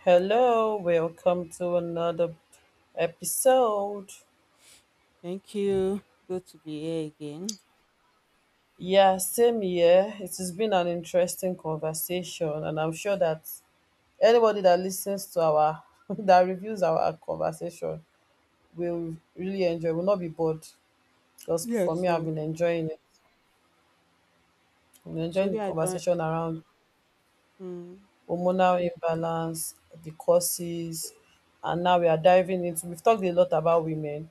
Hello, welcome to another episode. Thank you. Good to be here again. Yeah, same here. It has been an interesting conversation, and I'm sure that anybody that listens to our that reviews our conversation will really enjoy, will not be bored. Because for Yes. me, I've So, been enjoying it. I'm enjoying the maybe I don't. conversation around Mm. hormonal imbalance, the causes, and now we are diving into we've talked a lot about women,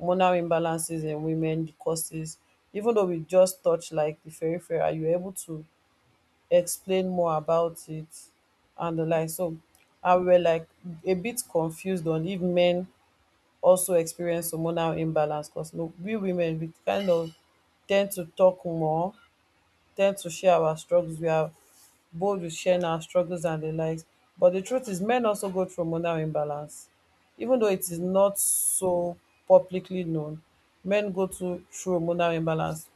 hormonal imbalances in women, the causes. Even though we just touched like the periphery, are you able to explain more about it and the like? So I were like a bit confused on if men also experience hormonal imbalance because no, we women we kind of tend to talk more tend to share our struggles. We are bold with sharing our struggles and the likes. But the truth is, men also go through hormonal imbalance. Even though it is Mm. not so publicly known, men go to, through hormonal imbalance.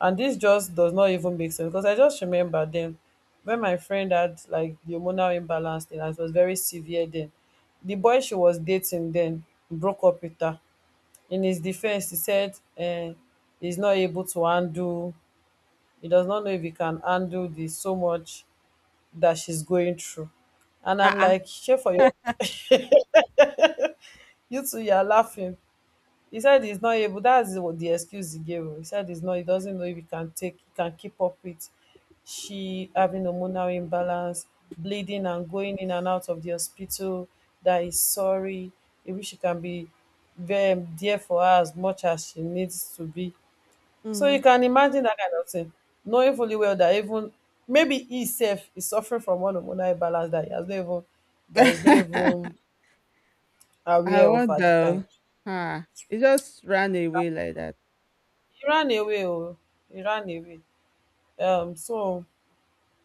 And this just does not even make sense because I just remember then when my friend had like the hormonal imbalance thing, and it was very severe then. The boy she was dating then broke up with her. In his defense, he said he's not able to handle he does not know if he can handle the so much that she's going through. And I'm Uh-uh. like, shame for you. You two, you're laughing. He said he's not able. That's what the excuse he gave her. He said he's not. He doesn't know if he can take, he can keep up with. She having hormonal imbalance, bleeding and going in and out of the hospital. That is sorry. He wish she can be there for her as much as she needs to be. So Mm. you can imagine that kind of thing, knowing fully well that even maybe he self is suffering from one hormonal imbalance that he has not even that he's not even I aware of at the time. wonder. Huh. It just ran away like that. He ran away, oh, he ran away. So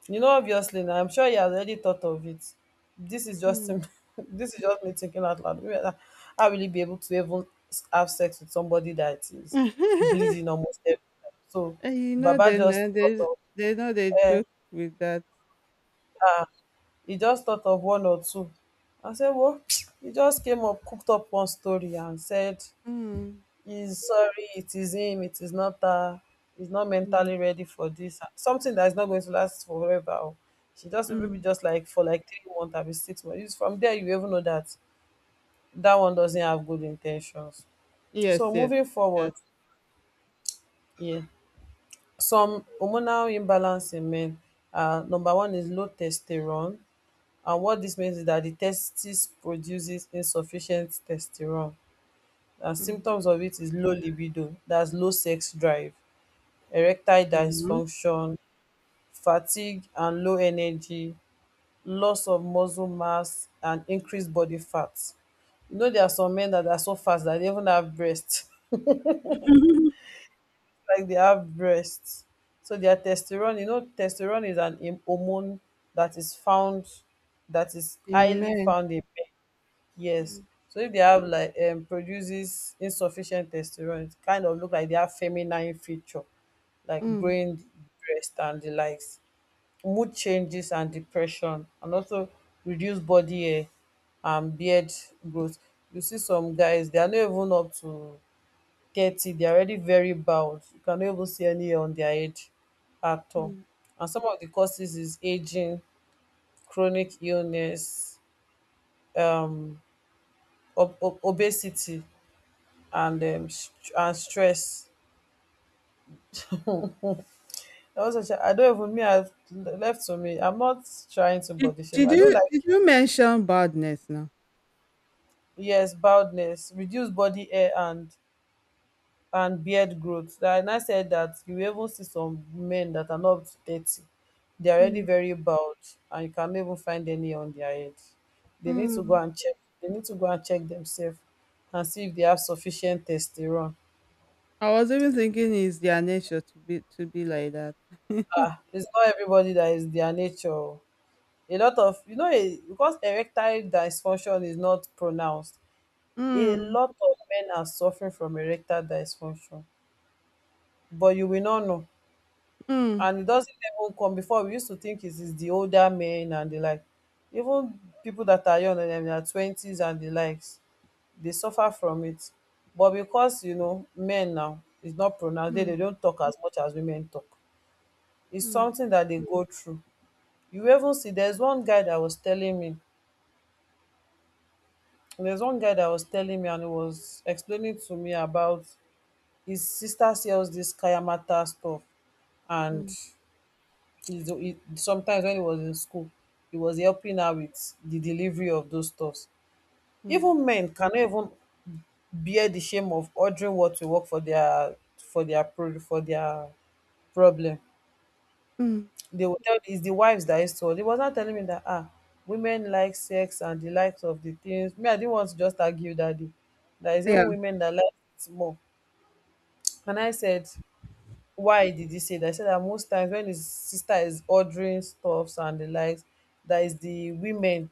you know, obviously, now I'm sure he has already thought of it. This is just Mm. him. This is just me thinking out loud. Maybe I really be able to even have sex with somebody that is bleeding almost every time. So And you know Baba they just know thought they of. they know they eh. joke with that. He just thought of one or two. I said, well, he just came up, cooked up one story and said, Mm. he's sorry, it is him, it is not her, he's not Mm. mentally ready for this. Something that is not going to last forever. Oh. She just maybe Mm. just like for like 3 months, I be 6 months. It's from there, you even know that that one doesn't have good intentions. Yes, So yes. moving With forward, that. yeah, some hormonal imbalance in men. Number one is low testosterone. And what this means is that the testes produces insufficient testosterone, and Mm. symptoms of it is low libido, that's low sex drive, erectile Mhm. dysfunction, fatigue and low energy, loss of muscle mass, and increased body fat. You know, there are some men that are so fat that they even have breasts, like they have breasts. So their testosterone, you know, testosterone is an hormone that is found, that is highly Amen. found in. Yes. Mm. So if they have like produces insufficient testosterone, it kind of look like they have feminine feature, like Mm. growing breast and the likes, mood changes and depression, and also reduced body hair and beard growth. You see some guys, they are not even up to 30, they are already very bald. You cannot even see any hair on their head at all. Mm. And some of the causes is aging, chronic illness, um obesity and and stress. I also, I don't even me. I've left to me. I'm not trying to Did, body shame. did I don't you like did you mention badness now? yes baldness, reduce body hair and beard growth. That- And I said that you will even see some men that are not up to 30. They are already Mm. very bald, and you can not even find any on their head. They need to go Mm. and check. They need to go and check themselves and see if they have sufficient testosterone. I was even thinking it's their nature to be like that. Ah, it's not everybody that is their nature. A lot of you know because erectile dysfunction is not pronounced, a Mm. lot of men are suffering from erectile dysfunction, but you will not know. Mm. And it doesn't even come before we used to think it is the older men and the like. Even people that are young and in their twenties and the likes, they suffer from it. But because you know, men now is not pronounced, they Mm. don't talk as much as women talk. It's Mm. something that they go through. You even see there's one guy that was telling me. And there's one guy that was telling me and he was explaining to me about his sister sells this kayamata stuff and Mm. Sometimes when he was in school he was helping her with the delivery of those stuffs. Mm. Even men cannot even bear the shame of ordering what to work for their pro for their problem. Mm. They will tell it's the wives that is told. He was not telling me that ah, women like sex and the likes of the things. Me, I didn't want to just argue that day. There is even Yeah. women that like it more. And I said, why did he say that? I said that most times when his sister is ordering stuffs and the likes, that is the women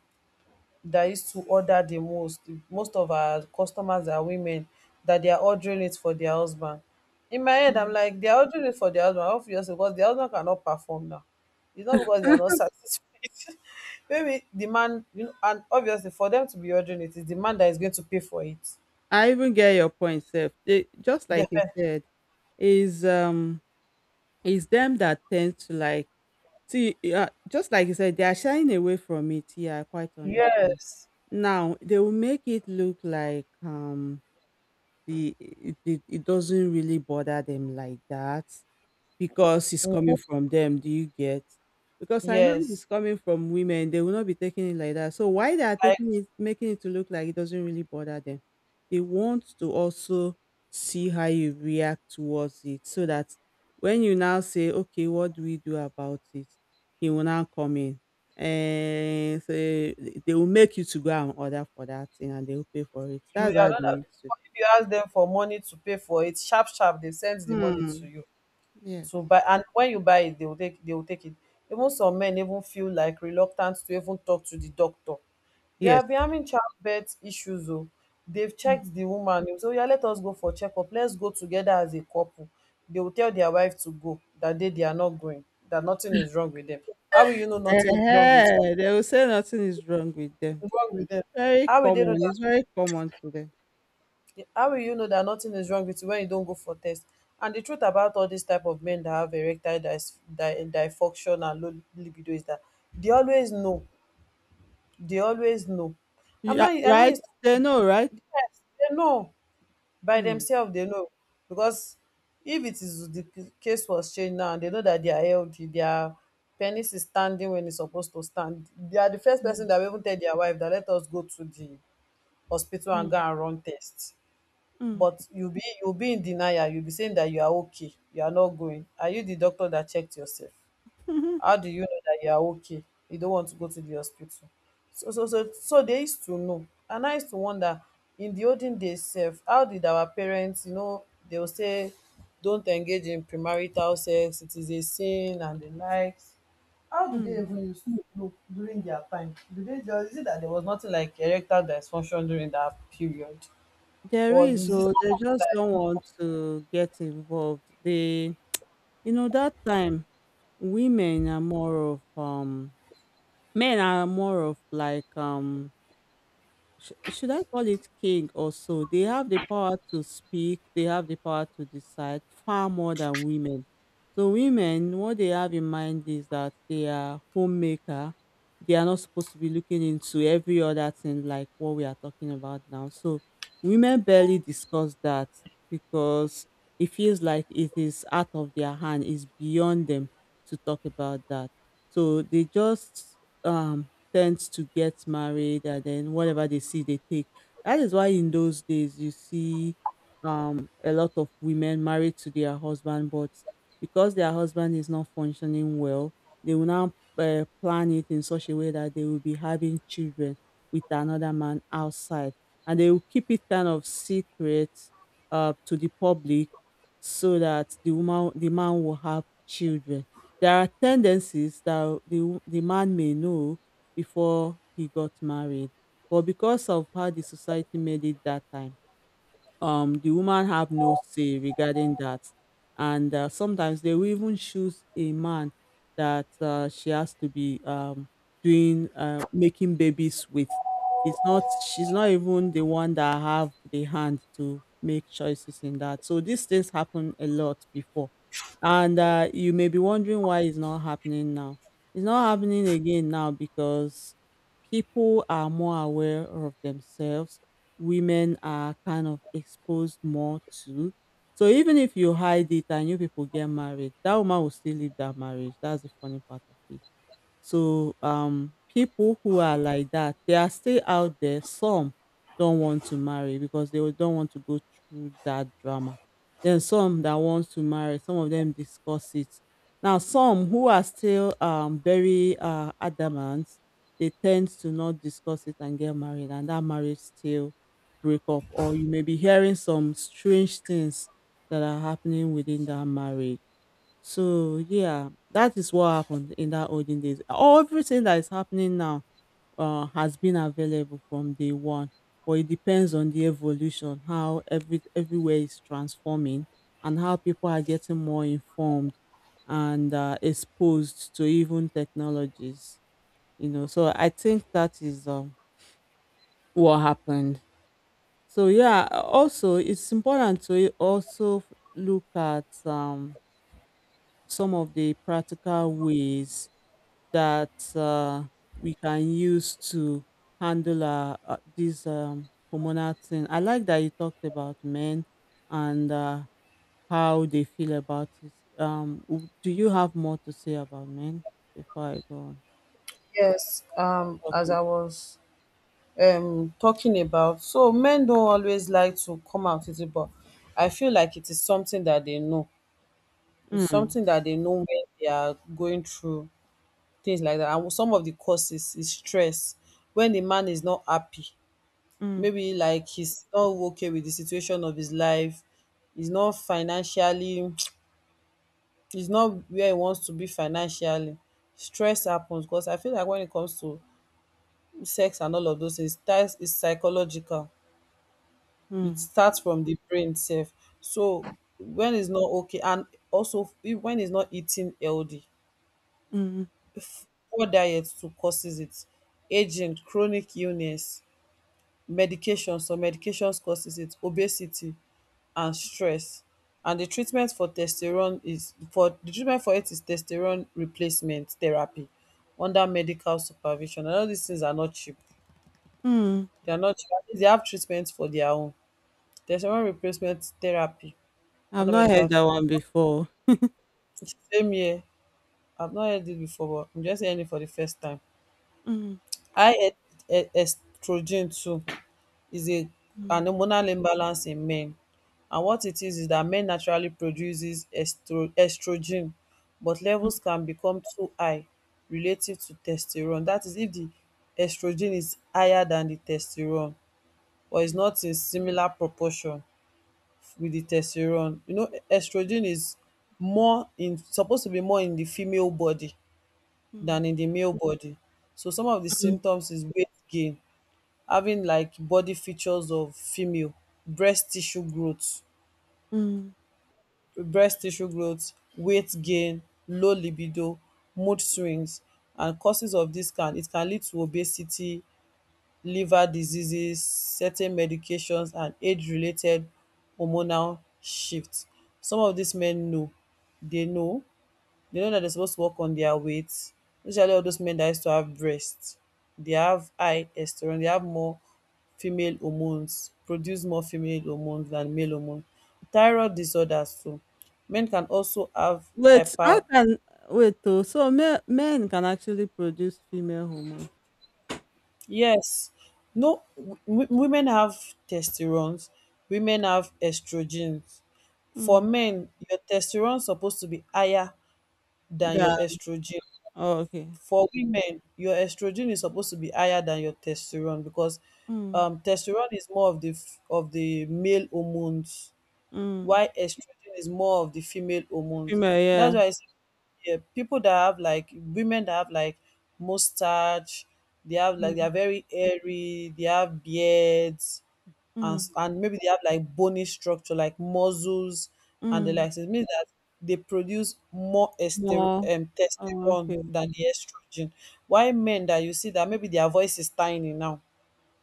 that used to order the most. Most of our customers are women that they are ordering it for their husband. In my head I'm Mm. like they are ordering it for their husband obviously because their husband cannot perform now. It's not because they are not satisfied. Maybe the man, you know, and obviously for them to be ordering it is the man that is going to pay for it. I even get your point, Seth. They, just They- like you said, is um is them that tend to like see, just like you said, they are shying away from it. Yeah, I quite understand. yes. Now they will make it look like it doesn't really bother them like that. Because it's coming Mhm. from them, do you get? Because I know if it's Yes, coming from women, they will not be taking it like that. So why they are like taking it, making it to look like it doesn't really bother them. They want to also see how you react towards it so that when you now say, okay, what do we do about it? He will now come in. And so they will make you to go and order for that thing, and they will pay for it. you That's how are they not used to. if you ask them for money to pay for it sharp sharp they send the money to Hmm. you Yes. to buy and when you buy it they will take it. Even some men even feel like reluctant to even talk to the doctor. They Yes. have been having childbirth issues. Oh, they've checked the woman, they will say oya let us go for checkup, let's go together as a couple. They will tell their wife to go that day they are not going, that nothing is wrong with them. How will you know nothing is wrong with Ehen, they will say nothing is wrong with them. them? Very How will they know common. that? It's very common to them. How will you know that nothing is wrong with you when you don't go for test? And the truth about all these type of men that have erectile dysfunction and low libido is that they always know. They always know. I'm Yeah, not. I'm not. right? Used to, They know, right? yes, they know by Mm. themselves. They know because if it is the case was changed now, and they know that they are healthy. Their penis is standing when it's supposed to stand. They are the first person Mm. that will even tell their wife that let us go to the hospital and go Mm. and run tests. Mm. But you'll be in denial, you'll be saying that you are okay, you are not going, are you the doctor that checked yourself? How do you know that you are okay? You don't want to go to the hospital. So they used to know. And I used to wonder in the olden days sef how did our parents, you know, they will say don't engage in premarital sex it is a sin and the likes. How do they Mm. even use to know during their time? Do they just, is it that there was nothing like erectile dysfunction during that period, There or is, is it oh, not they something just don't that. want to get involved. They, that time women are more of, men are more of like, should I call it king or so? They have the power to speak, they have the power to decide far more than women. So women, what they have in mind is that they are homemaker. They are not supposed to be looking into every other thing like what we are talking about now. So women barely discuss that because it feels like it is out of their hand, it's beyond them to talk about that. So they just um tends to get married, and then whatever they see they take. That is why in those days you see a lot of women married to their husband, but because their husband is not functioning well, they will now plan it in such a way that they will be having children with another man outside, and they will keep it kind of secret, to the public, so that the man will have children. There are tendencies that the man may know before he got married. But because of how the society made it that time, the woman have no say regarding that, and sometimes they will even choose a man that, she has to be, doing, making babies with. It's not, she's not even the one that have the hand to make choices in that. So these things happen a lot before, and you may be wondering why it's not happening now. It's not happening again now because people are more aware of themselves, women are kind of exposed more to. So even if you hide it and you people get married, that woman will still leave that marriage. That's the funny part of it. So people who are like that, they are still out there. Some don't want to marry because they don't want to go through that drama. Then some that want to marry, some of them discuss it. Now some who are still very adamant, they tend to not discuss it and get married, and that marriage still break up. Or you may be hearing some strange things that are happening within that marriage. So yeah, that is what happened in that olden days. Everything that is happening now has been available from day one, but it depends on the evolution, how everywhere is transforming, and how people are getting more informed and, exposed to even technologies. You know, so I think that is, what happened. So yeah, also it's important to also look at, some of the practical ways that, we can use to handle, this, hormonal thing. I like that you talked about men and, how they feel about it. Do you have more to say about men before I go on? Yes, as Okay. I was talking about, so men don't always like to come out with it, but I feel like it is something that they know. It's Mm. something that they know when they are going through things like that. And some of the causes is stress. When the man is not happy, Mm. maybe like he's not okay with the situation of his life, he's not financially, he's not where he wants to be financially. Stress happens because I feel like when it comes to sex and all of those things that is psychological, it Mm. starts from the brain self. So when it's not okay, and also when it's not eating healthy, Mm. poor diet too causes it. Aging, chronic illness, medications, some medications causes it. Obesity and stress. And the treatment for testosterone is, for the treatment for it is testosterone replacement therapy under medical supervision, and all these things are not cheap. Mm. They are not cheap. At least they have treatments for their own. Testosterone replacement therapy I've under not heard medical. that one before. Same here, I've not heard it before, but I'm just hearing it for the first time. Mm. High estrogen too is a Mm. an hormonal imbalance in men. And what it is that men naturally produces estrogen, but levels can become too high relative to testosterone. That is, if the estrogen is higher than the testosterone or is not in similar proportion with the testosterone. You know, estrogen is more in supposed to be more in the female body Mm. than in the male body. So some of the Mm. symptoms is weight gain, having like body features of female, breast tissue growth, Mm. breast tissue growth, weight gain, low libido, mood swings, and causes of this can lead to obesity, liver diseases, certain medications, and age-related hormonal shifts. Some of these men know, they know, they know that they're supposed to work on their weight. Usually all those men that used to have breasts, they have high estrogen. They have more female hormones, Produce more female hormones than male hormones. Thyroid disorders too. Men can also have Wait, I hyper. can wait. Oh, so men can actually produce female hormone. Yes. No, women have testosterone, women have estrogens. For Mm. men, your testosterone is supposed to be higher than your Yeah. estrogen. Oh, okay. For women, your estrogen is supposed to be higher than your testosterone, because Mm. Testosterone is more of the of the male hormones, Mm. while estrogen is more of the female hormones. Female, yeah. That's why I say, yeah, people that have like, women that have like mustache, they have like, they Mm. are very hairy, they have beards, and Mm. And maybe they have like bony structure, like muscles and the Mm. likes. It means that they produce more No. Oh, testosterone okay. than the estrogen. Why men that you see that maybe their voice is tiny now,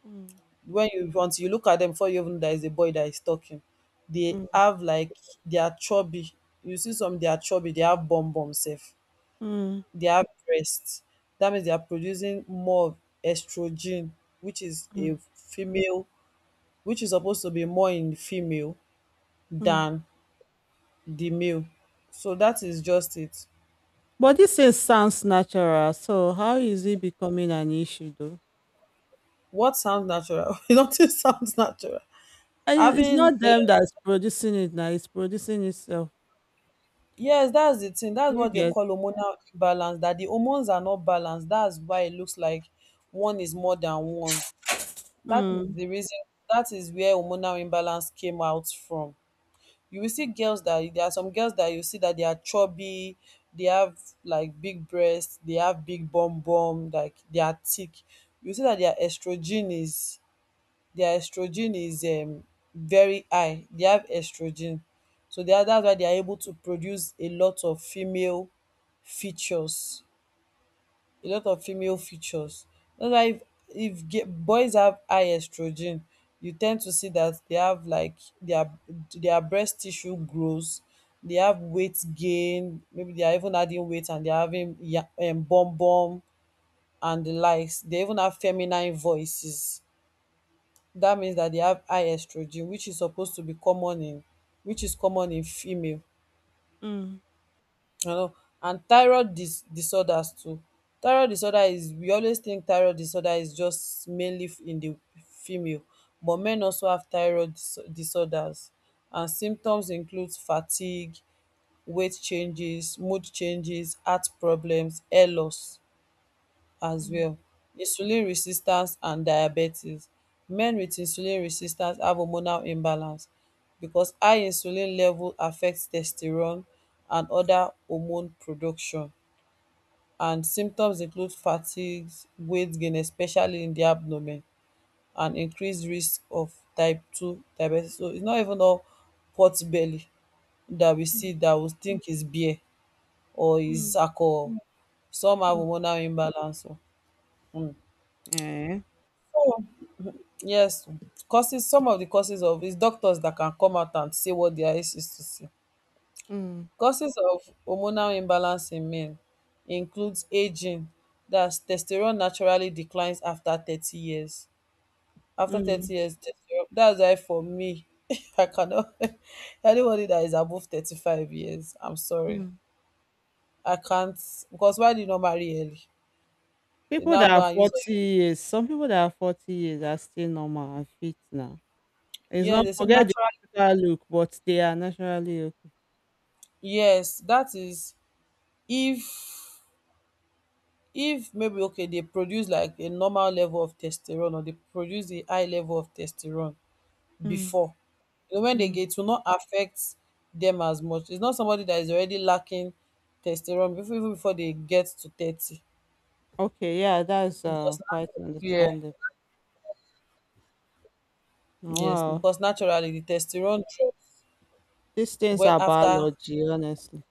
Mm. when you look at them before you even know that is a boy that is talking. They Mm. have like, they are chubby. You see some, they are chubby, they have bum bum self. Mm. They have breasts. That means they are producing more estrogen, which is Mm. a female, which is supposed to be more in female Mm. than the male. So that is just it. But this thing sounds natural, so how is it becoming an issue though? What sounds natural? Nothing sounds natural. And it's Having not them that's producing it now, it's producing itself. Yes, that's the thing. Do That's you what they get? call hormonal imbalance, that the hormones are not balanced. That's why it looks like one is more than one. That is Mm. the reason, that is where hormonal imbalance came out from. You will see girls that There are some girls that you see that they are chubby, they have like big breasts, they have big bum bum, like they are thick. You see that their estrogen is very high, they have estrogen. So they are That's why they are able to produce a lot of female features, a lot of female features that's why, if ge- boys have high estrogen, you tend to see that they have like, their their breast tissue grows, they have weight gain, maybe they are even adding weight, and they're having bum bum and the likes. They even have feminine voices. Dat means dat dey have high estrogen, which is common in female, Mm. you know. And thyroid disorders too. Thyroid disorder is We always think thyroid disorder is just mainly in the female, but men also have thyroid disorders, and symptoms include fatigue, weight changes, mood changes, heart problems, hair loss as Mm. well. Insulin resistance and diabetes. Men with insulin resistance have hormonal imbalance because high insulin level affects testosterone and other hormone production. And symptoms include fatigue, weight gain, especially in the abdomen, and increased risk of type 2 diabetes. So it's not even all pot belly that we Mm. see that we think is beer or is Mm. alcohol. Some have hormonal imbalance. Yeah. So, yes, causes some of the causes of it's doctors that can come out and say what their eyes is to see. Mm. Causes of hormonal imbalance in men includes aging. That's testosterone naturally declines after 30 years. After Mm. 30 years, testosterone, that's why for me, I cannot, anybody that is above 35 years, I'm sorry. Mm. I can't, because why do you not marry early? They People now that go are and use. 40 years, some people that are 40 years are still normal and fit now. It's Yeah, not they say forget the natural. typical look, but they are naturally okay. Yes, that is, if if maybe, okay, they produce like a normal level of testosterone, or they produce a high level of testosterone Mm. before, you know, when they Mm. get it will not affect them as much. It's not somebody that is already lacking testosterone before even before they get to 30, Okay, yeah, that's because quite yeah, understandable. Oh, yes, wow, because naturally the testosterone drops these things when, are after, biology, honestly.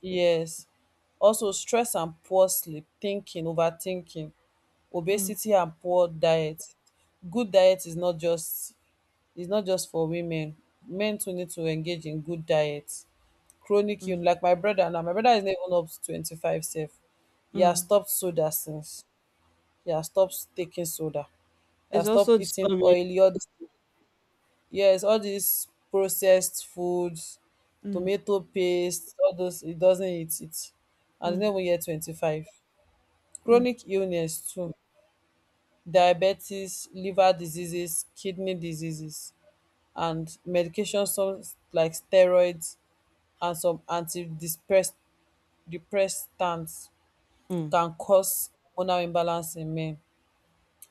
yes. Also stress and poor sleep, thinking overthinking, Mm. obesity and poor diet. Good diet is not just It's not just for women. Men too need to engage in good diet. Chronic ill, Mm. like my brother now. My brother is not even up to 25 sef. He has Mm. stopped soda since. He has stopped taking soda. He It's has stopped also eating disturbing. oily, all this yes, all these processed foods, Mm. tomato paste, all those, he doesn't eat it. And he's Mm. not even yet 25. Mm. Chronic illness too, diabetes, liver diseases, kidney diseases, and medication, some like steroids and some antidepressants Mm. can cause hormonal imbalance in men.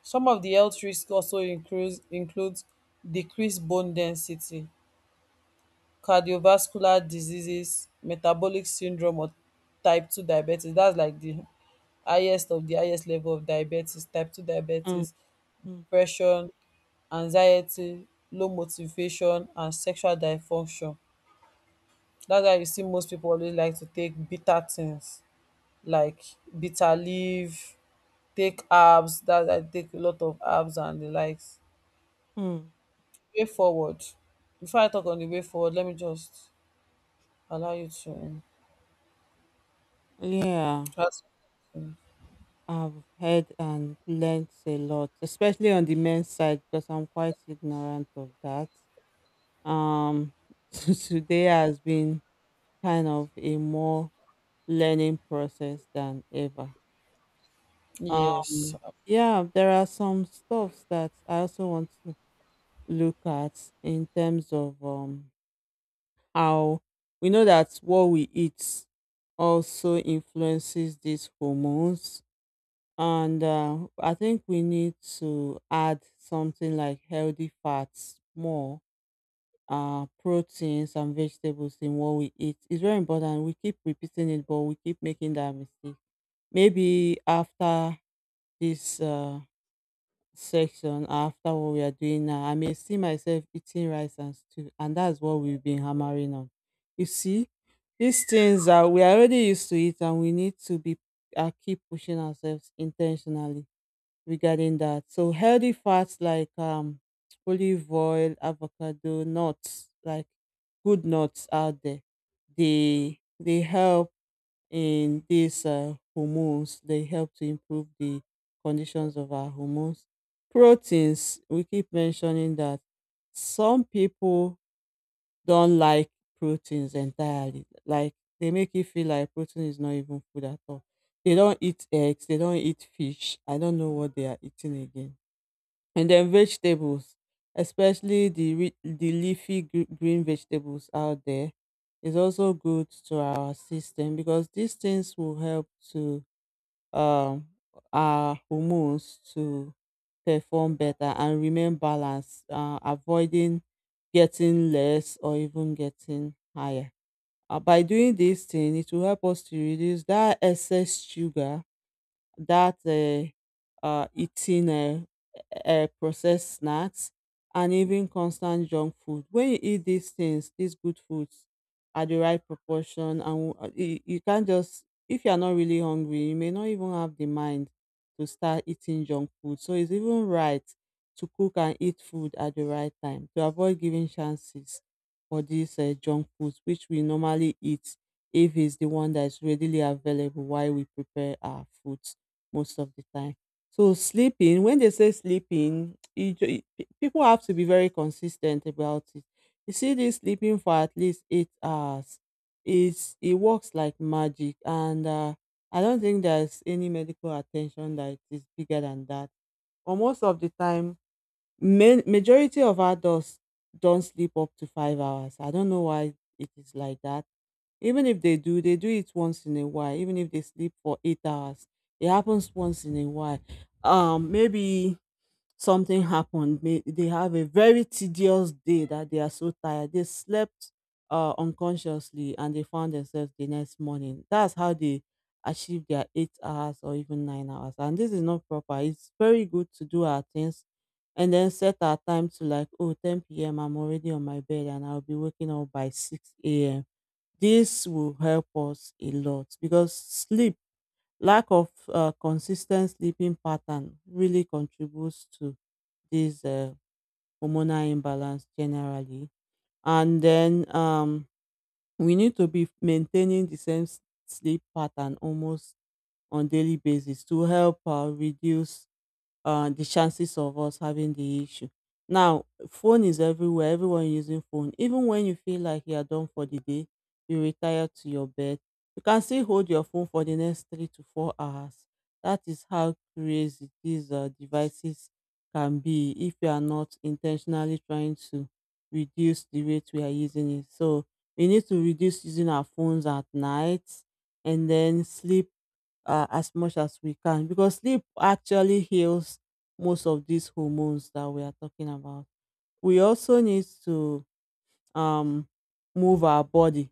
Some of the health risks also includes decreased bone density, cardiovascular diseases, metabolic syndrome, or type 2 diabetes. That's like the highest of the highest level of diabetes, type two Mm. diabetes, Mm. depression, anxiety, low motivation, and sexual dysfunction. That's why you see most pipu always like to take bitter things, like bitter leaf, take herbs, that I take a lot of herbs and the likes. Mm. Way forward. Before I talk on the way forward, let me just allow you to Yeah, ask. um, I've heard and learnt a lot, especially on the men's side, because I'm quite ignorant of that. Um, Today has been kind of a more learning process than ever. Yes, Yeah, there are some stuffs that I also want to look at in terms of, how we know that what we eat also influences these hormones, and, I think we need to add something like healthy fats more. Proteins and vegetables in what we eat. It's very important. We keep repeating it, but we keep making that mistake. Maybe after this, section after what we are doing now, I may see myself eating rice and stew, and that's what we've been hammering on. You see, these things are we are already used to it, and we need to be, keep pushing ourselves intentionally regarding that. So healthy fats like, olive oil, avocado, nuts, like good nuts out there, they help, and these, hormones they help to improve the conditions of our hormones. Proteins, we keep mentioning that some people don't like proteins entirely. Like, they make you feel like protein is not even food at all. They don't eat eggs, they don't eat fish. I don't know what they are eating again. And then vegetables, especially the leafy green vegetables out there, is also good to our system because these things will help to, um our hormones to perform better and remain balanced, avoiding getting less or even getting higher. By doing this thing, it will help us to reduce that excess sugar that, eating, processed snacks and even constant junk food. When you eat these things, these good foods, at the right proportion, and, you, can't just if you are not really hungry, you may not even have the mind to start eating junk food. So it's even right to cook and eat food at the right time to avoid giving chances for these, junk foods which we normally eat, if it's the one that's readily available while we prepare our food most of the time. So sleeping, when they say sleeping, people have to be very consistent about it. You see, this sleeping for at least 8 hours, it works like magic, and, I don't think there's any medical attention that is bigger than that. But most of the time, majority of adults don't sleep up to 5 hours. I don't know why it is like that. Even if they do, they do it once in a while. Even if they sleep for 8 hours, it happens once in a while. Maybe something happened. May, they have a very tedious day that they are so tired. They slept, unconsciously and they found themselves the next morning. That's how they achieve their 8 hours or even 9 hours. And this is not proper. It's very good to do our things and then set our time to, like, oh ten 10 p.m. I'm already on my bed, and I'll be waking up by 6 a.m. This will help us a lot because sleep, lack of, consistent sleeping pattern really contributes to this, hormonal imbalance generally. And then, we need to be maintaining the same sleep pattern almost on daily basis to help, reduce, the chances of us having the issue. Now, phone is everywhere. Everyone using phone. Even when you feel like you are done for the day, you retire to your bed. You can still hold your phone for the next 3 to 4 hours. That is how crazy these devices can be if you are not intentionally trying to reduce the rate we are using it. So we need to reduce using our phones at night and then sleep as much as we can, because sleep actually heals most of these hormones that we are talking about. We also need to um, move our body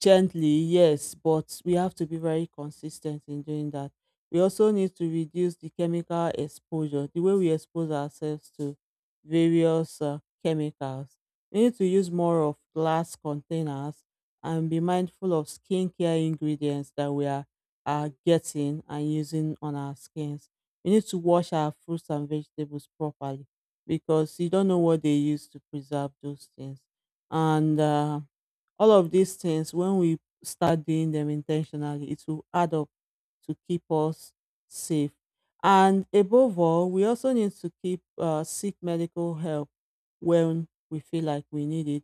gently, yes, but we have to be very consistent in doing that. We also need to reduce the chemical exposure, the way we expose ourselves to various chemicals. We need to use more of glass containers and be mindful of skincare ingredients that we are getting and using on our skins. We need to wash our fruits and vegetables properly, because you don't know what they use to preserve those things. And all of these things, when we start doing them intentionally, it will add up to keep us safe. And above all, we also need to keep seek medical help when we feel like we need it,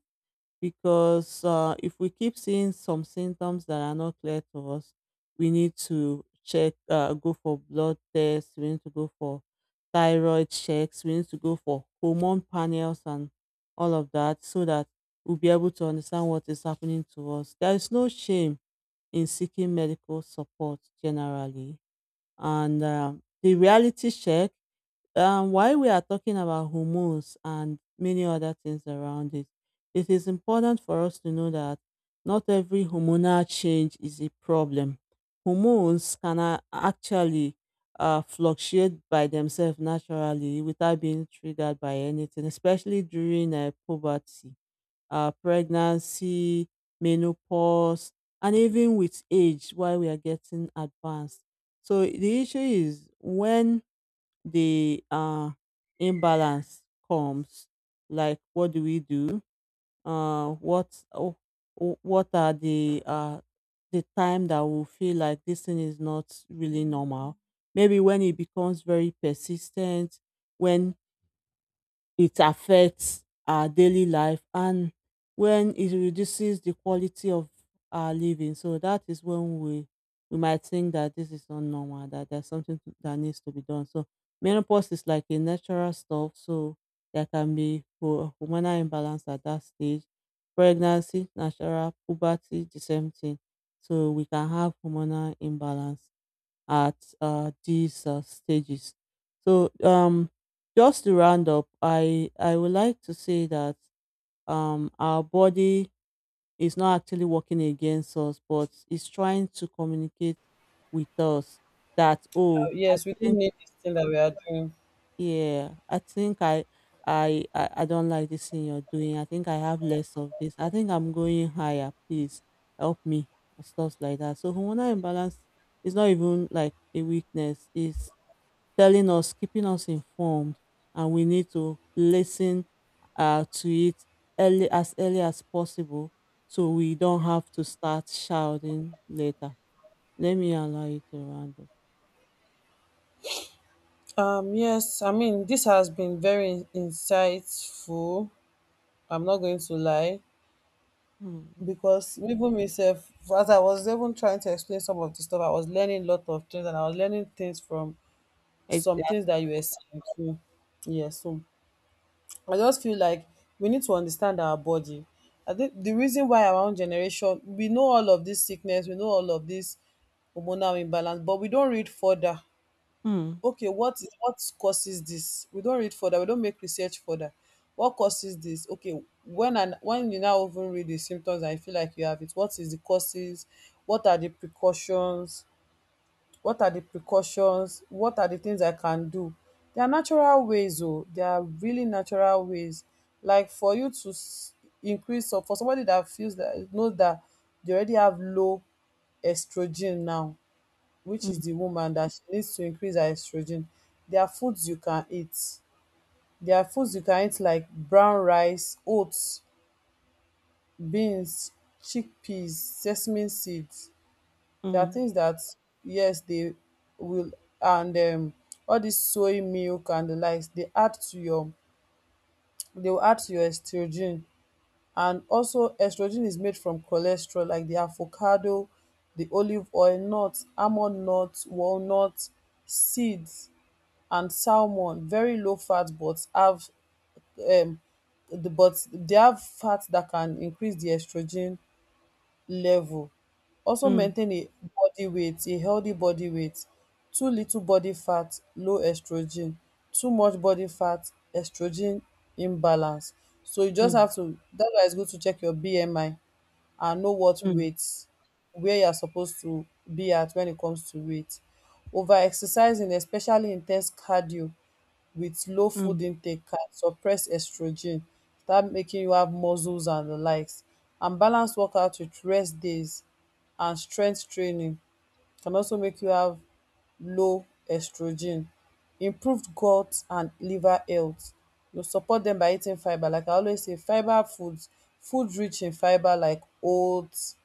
because if we keep seeing some symptoms that are not clear to us, we need to check, go for blood tests, we need to go for thyroid checks, we need to go for hormone panels and all of that, so that we'll be able to understand what is happening to us. There is no shame in seeking medical support generally. And the reality check, while we are talking about hormones and many other things around it, it is important for us to know that not every hormonal change is a problem. Hormones can actually fluctuate by themselves naturally without being triggered by anything, especially during puberty, pregnancy, menopause, and even with age while we are getting advanced. So the issue is when the imbalance comes, like, what do we do? uh what oh, oh, what are the time that we feel like this thing is not really normal? Maybe when it becomes very persistent, when it affects our daily life, and when it reduces the quality of our living. So that is when we might think that this is not normal, that there's something that needs to be done. So menopause is like a natural stuff. So there can be hormonal imbalance at that stage. Pregnancy, natural, puberty, the same thing. So we can have hormonal imbalance at these stages. So, just to round up, I would like to say that our body is not actually working against us, but it's trying to communicate with us that, oh, I yes, we do think need this thing that we are doing. yeah, I think I don't like this thing you're doing. I think I have less of this. I think I'm going higher. Please help me or stuff like that. So hormonal imbalance is not even like a weakness. It's telling us, keeping us informed, and we need to listen to it early, as early as possible, so we don't have to start shouting later. Let me allow you to round up. Yes, I mean, this has been very insightful. I'm not going to lie, Hmm. because even myself, as I was even trying to explain some of the stuff, I was learning a lot of things, and I was learning things from some Exactly. things that you were saying too. Yes, so I just feel like we need to understand our body. I think the reason why, our own generation, we know all of this sickness, we know all of this hormonal imbalance, but we don't read further. Mm, Okay, what causes this? We don't read further, we don't make research further. What causes this? Okay, when you now even read the symptoms and you feel like you have it, what is the causes? What are the precautions? What are the things I can do. There are really natural ways, like for you to increase, or for somebody that feels that knows that they already have low estrogen now, which is mm, the woman, that she needs to increase her estrogen. there are foods you can eat there are foods you can eat, like brown rice, oats, beans, chickpeas, sesame seeds. There are mm, things that, yes, they will. And all this soy milk and the likes, they will add to your estrogen. And also, estrogen is made from cholesterol, like the avocado, the olive oil, nuts, almond nuts, walnut, seeds, and salmon. Very low fat, um but they have fat that can increase the estrogen level. Also mm, maintain a healthy body weight. Too little body fat, low estrogen. Too much body fat, estrogen imbalance. So you just mm, have to That's why it's good to check your BMI and know what mm, weight where you're supposed to be at when it comes to weight. Over exercising especially in ten se cardio with low food mm, intake, can suppress estrogen, start making you have muscles and the likes. And balance workout with rest days and strength training can also make you have low estrogen. Improved gut and liver health, you support them by eating fibre, like I always say, fibre foods, food rich in fibre like oats.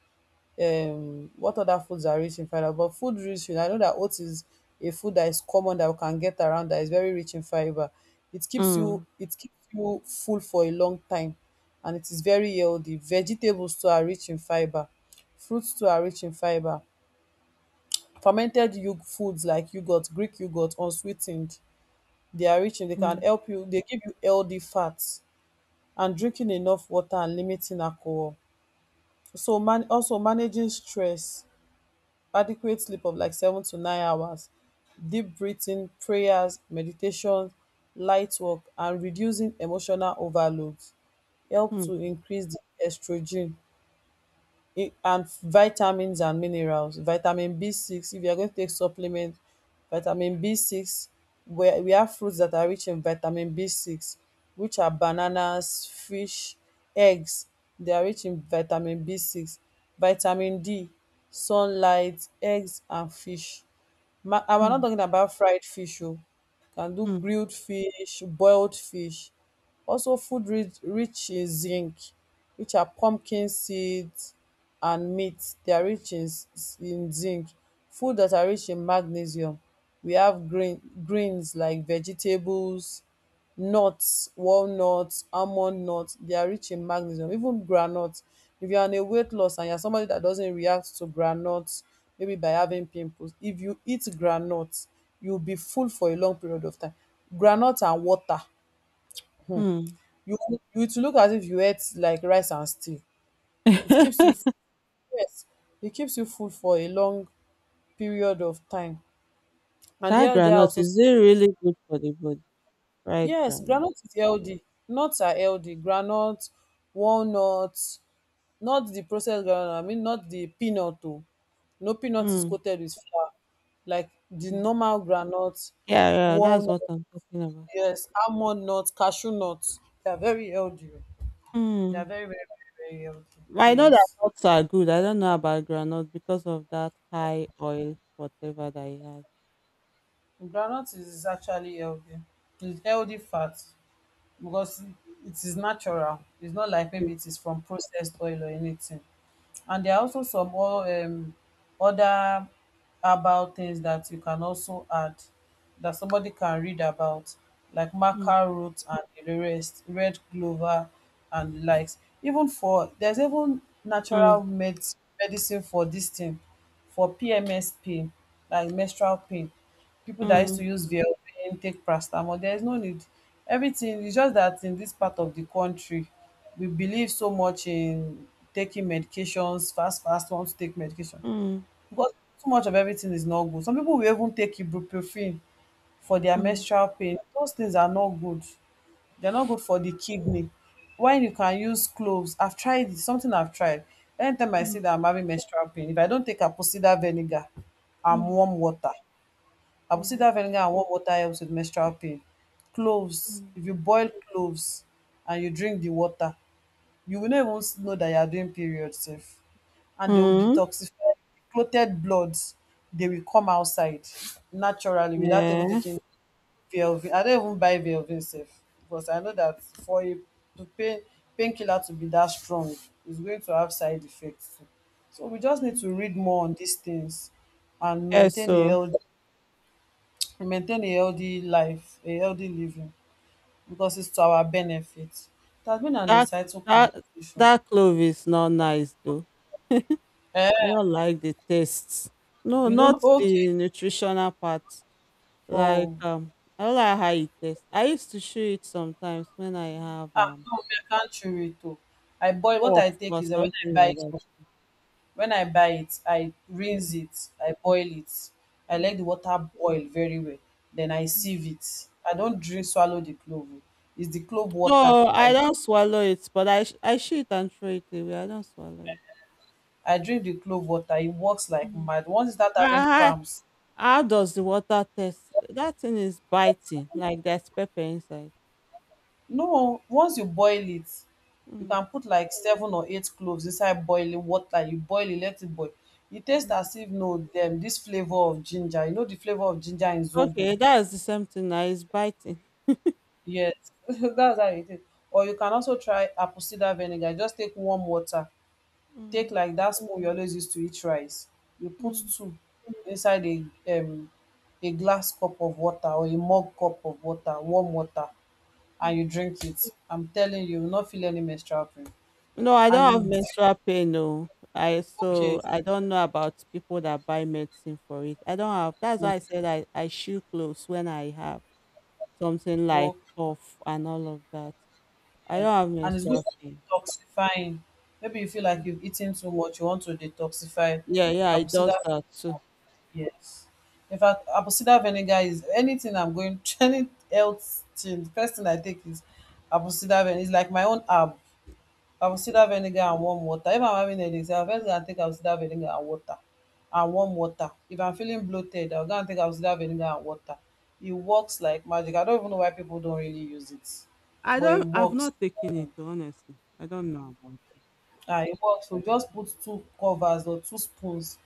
What other foods are rich in fiber? But food rich in, I know that oats is a food that is common, that we can get around, that is very rich in fiber. Mm, It keeps you full for a long time, and it is very healthy. Vegetables too are rich in fiber. Fruits too are rich in fiber. Fermented foods like yogurt, Greek yogurt, unsweetened, they are rich in, they can mm, help you, they give you healthy fats, and drinking enough water and limiting alcohol. So, man, also managing stress, adequate sleep of like 7 to 9 hours, deep breathing, prayers, meditation, light work, and reducing emotional overload help to mm, increase the estrogen. And vitamins and minerals, vitamin B6. If you are going to take supplement, vitamin B6, where we have fruits that are rich in vitamin B6, which are bananas, fish, eggs. They are rich in vitamin B6, vitamin D, sunlight, eggs, and fish. And we're not mm, talking about fried fish. Oh. Can do mm, grilled fish, boiled fish. Also, food rich in zinc, which are pumpkin seeds, and meat, they are rich in in zinc, food that are rich in magnesium. We have greens like vegetables, nuts, walnuts, almond nuts. They are rich in magnesium, even groundnut. If you are on a weight loss and you are somebody that doesn't react to groundnut, maybe by having pimples if you eat groundnut, you will be full for a long period of time. Groundnut and water, mm. you you, it will look as if you ate like rice and stew. It keeps you Yes, it keeps you full for a long period of time. And That there are granite, also. is it really good for the body? Right, Yes, granite. groundnut is healthy. Nuts are healthy. Groundnut, walnuts, not the processed groundnut. I mean, not the peanut. Oh, no peanut is Mm, coated with flour. Like the mm. normal groundnut, Yeah, yeah, that's walnut, what I'm talking about. yes, almond nuts, cashew nuts. They are very healthy. Oh. They are Mm. very, very, very, very healthy. I know that Yes, nuts are good. I don't know about groundnut because of that high oil, whatever that it has. groundnut is actually healthy. It's healthy fat, because it is natural. It's not like Mm, maybe it is from processed oil or anything. And there are also some other herbal things that you can also add, that somebody can read about, like mm, maca root and the rest, red clover and the likes. Even for There's even mm, natural medicine for this thing, for PMS pain, like menstrual pain. People that used to use Velpain, take paracetamol, there is no need. Everything is just that in this part of the country, we believe so much in taking medications fast, fast, want to take medication, mm, because too much of everything is not good. Some people will even take ibuprofen for their mm, menstrual pain. Those things are not good. They're not good for the kidney. When you can use cloves, I've tried it, something I've tried. Anytime I mm, see that I'm having menstrual pain, if I don't take apocida vinegar and mm, warm water, I will see mm, that vinegar and warm water helps with menstrual pain. Cloves, mm. if you boil cloves and you drink the water, you will not even know that you are doing period sef. And they will Mm. detoxify clotted bloods. They will come outside naturally without even Yeah. taking Velvin. I don't even buy Velvin sef, because I know that for a to pain painkiller to be that strong is going to have side effects too. So we just need to read more on these things and Yeah, maintain a so healthy and maintain a healthy life, a healthy living, because it's to our benefit. It has been an that insightful that conversation. that clove is not nice though. I Eh, don't like the taste. No, you not don't okay. the nutritional part. Like, Oh, I don't like how it tastes. I used to chew it sometimes when I have no, I can't chew it, oh. I boil. What cough I or take is that when I something buy it like from when I buy it, I rinse it, I boil it. I that. let the water boil very well. Then I sieve it. I don't drink swallow the clove. Oh. It's the clove water No, I I don't drink. swallow it, but I shit and throw it away. I don't swallow it. I drink the clove water. It works like Mm. mad. Once you start having Ah, cramps. how does the water taste? That thing is biting, like there's pepper inside. No, once you boil it, you can Mm. put like seven or eight cloves inside boiling water. You boil it, let it boil. It tastes Mm. as if no them this flavour of ginger. You know the flavour of ginger in zobo? Okay, that's the same thing. Now it's biting. Yes, that's how it is. Or you can also try apple cider vinegar. Just take warm water. Take Mm. like that spoon you always use to eat rice. You put Mm. two inside um a glass cup of water or a mug cup of water, warm water, and Mm. you drink it. I'm telling you, you will not feel any menstrual pain. No, I And don't you have feel. menstrual pain. No, I, so Okay, I don't know about people that buy medicine for it. I don't have. That's mm, why I said I chew clothes when I have something like okay. cough and all of that. I don't have And it's good menstrual pain. for detoxifying. Maybe you feel like you've eaten too much, you want to detoxify. Yeah, yeah, Apple it cider, does that too. yes. In fact, apple cider vinegar is anything I'm going any health thing. The first thing I take is apple cider vinegar. It's like my own herb. I will consider vinegar and warm water. If I'm having headache, I'll first go and take Avocado vinegar and water and warm water. If I'm feeling bloated, I'll go and take Avocado vinegar and water. It works like magic. I don't even know why people don't really use it, I but it don't. I've works. not taken Mm. it, honestly. I don't know about it. Ah, it works. So just put two covers or two spoons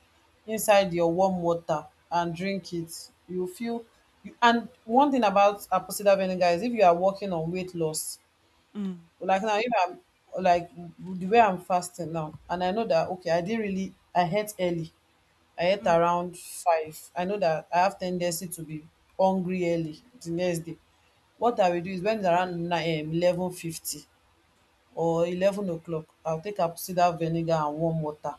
inside your warm water and drink it. You feel. And one thing about apocida vinegar is if you are working on weight loss, Mm. like now, if I'm like the way I'm fasting now, and I know that, okay, I didn't really I ate early, I ate Mm, around 5, I know that I have tendency to be hungry early the next day. What mm, I will do is when it's around nine 11:50 or 11 o'clock, I'll take apple vinegar and warm water.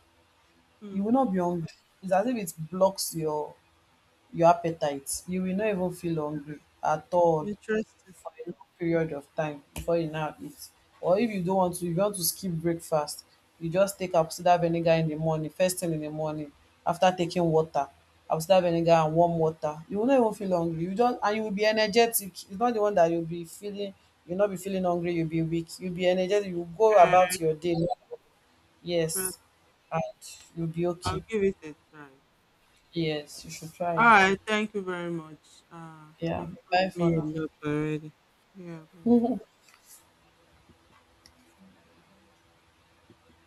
You mm. will not be hungry. It's as if it blocks your appetite. You will not even feel hungry at all Interesting. for a long period of time before you now eat. Or if you don't want to, if you want to skip breakfast, you just take apsida vinegar in the morning, first thing in the morning, after taking water, apsida vinegar and warm water. You will not even feel hungry. You don't, and you will be energetic. It's not the one that you'll not be feeling hungry, you'll be weak. You'll be energetic, you'll go Uh, about your day. interesting. Yes. And you'll be I'll okay. give it a try. Yes, you should try All it. right. Thank you very much. Uh, Yeah. you've taught Bye for me a now. lot already. Yeah. Bye.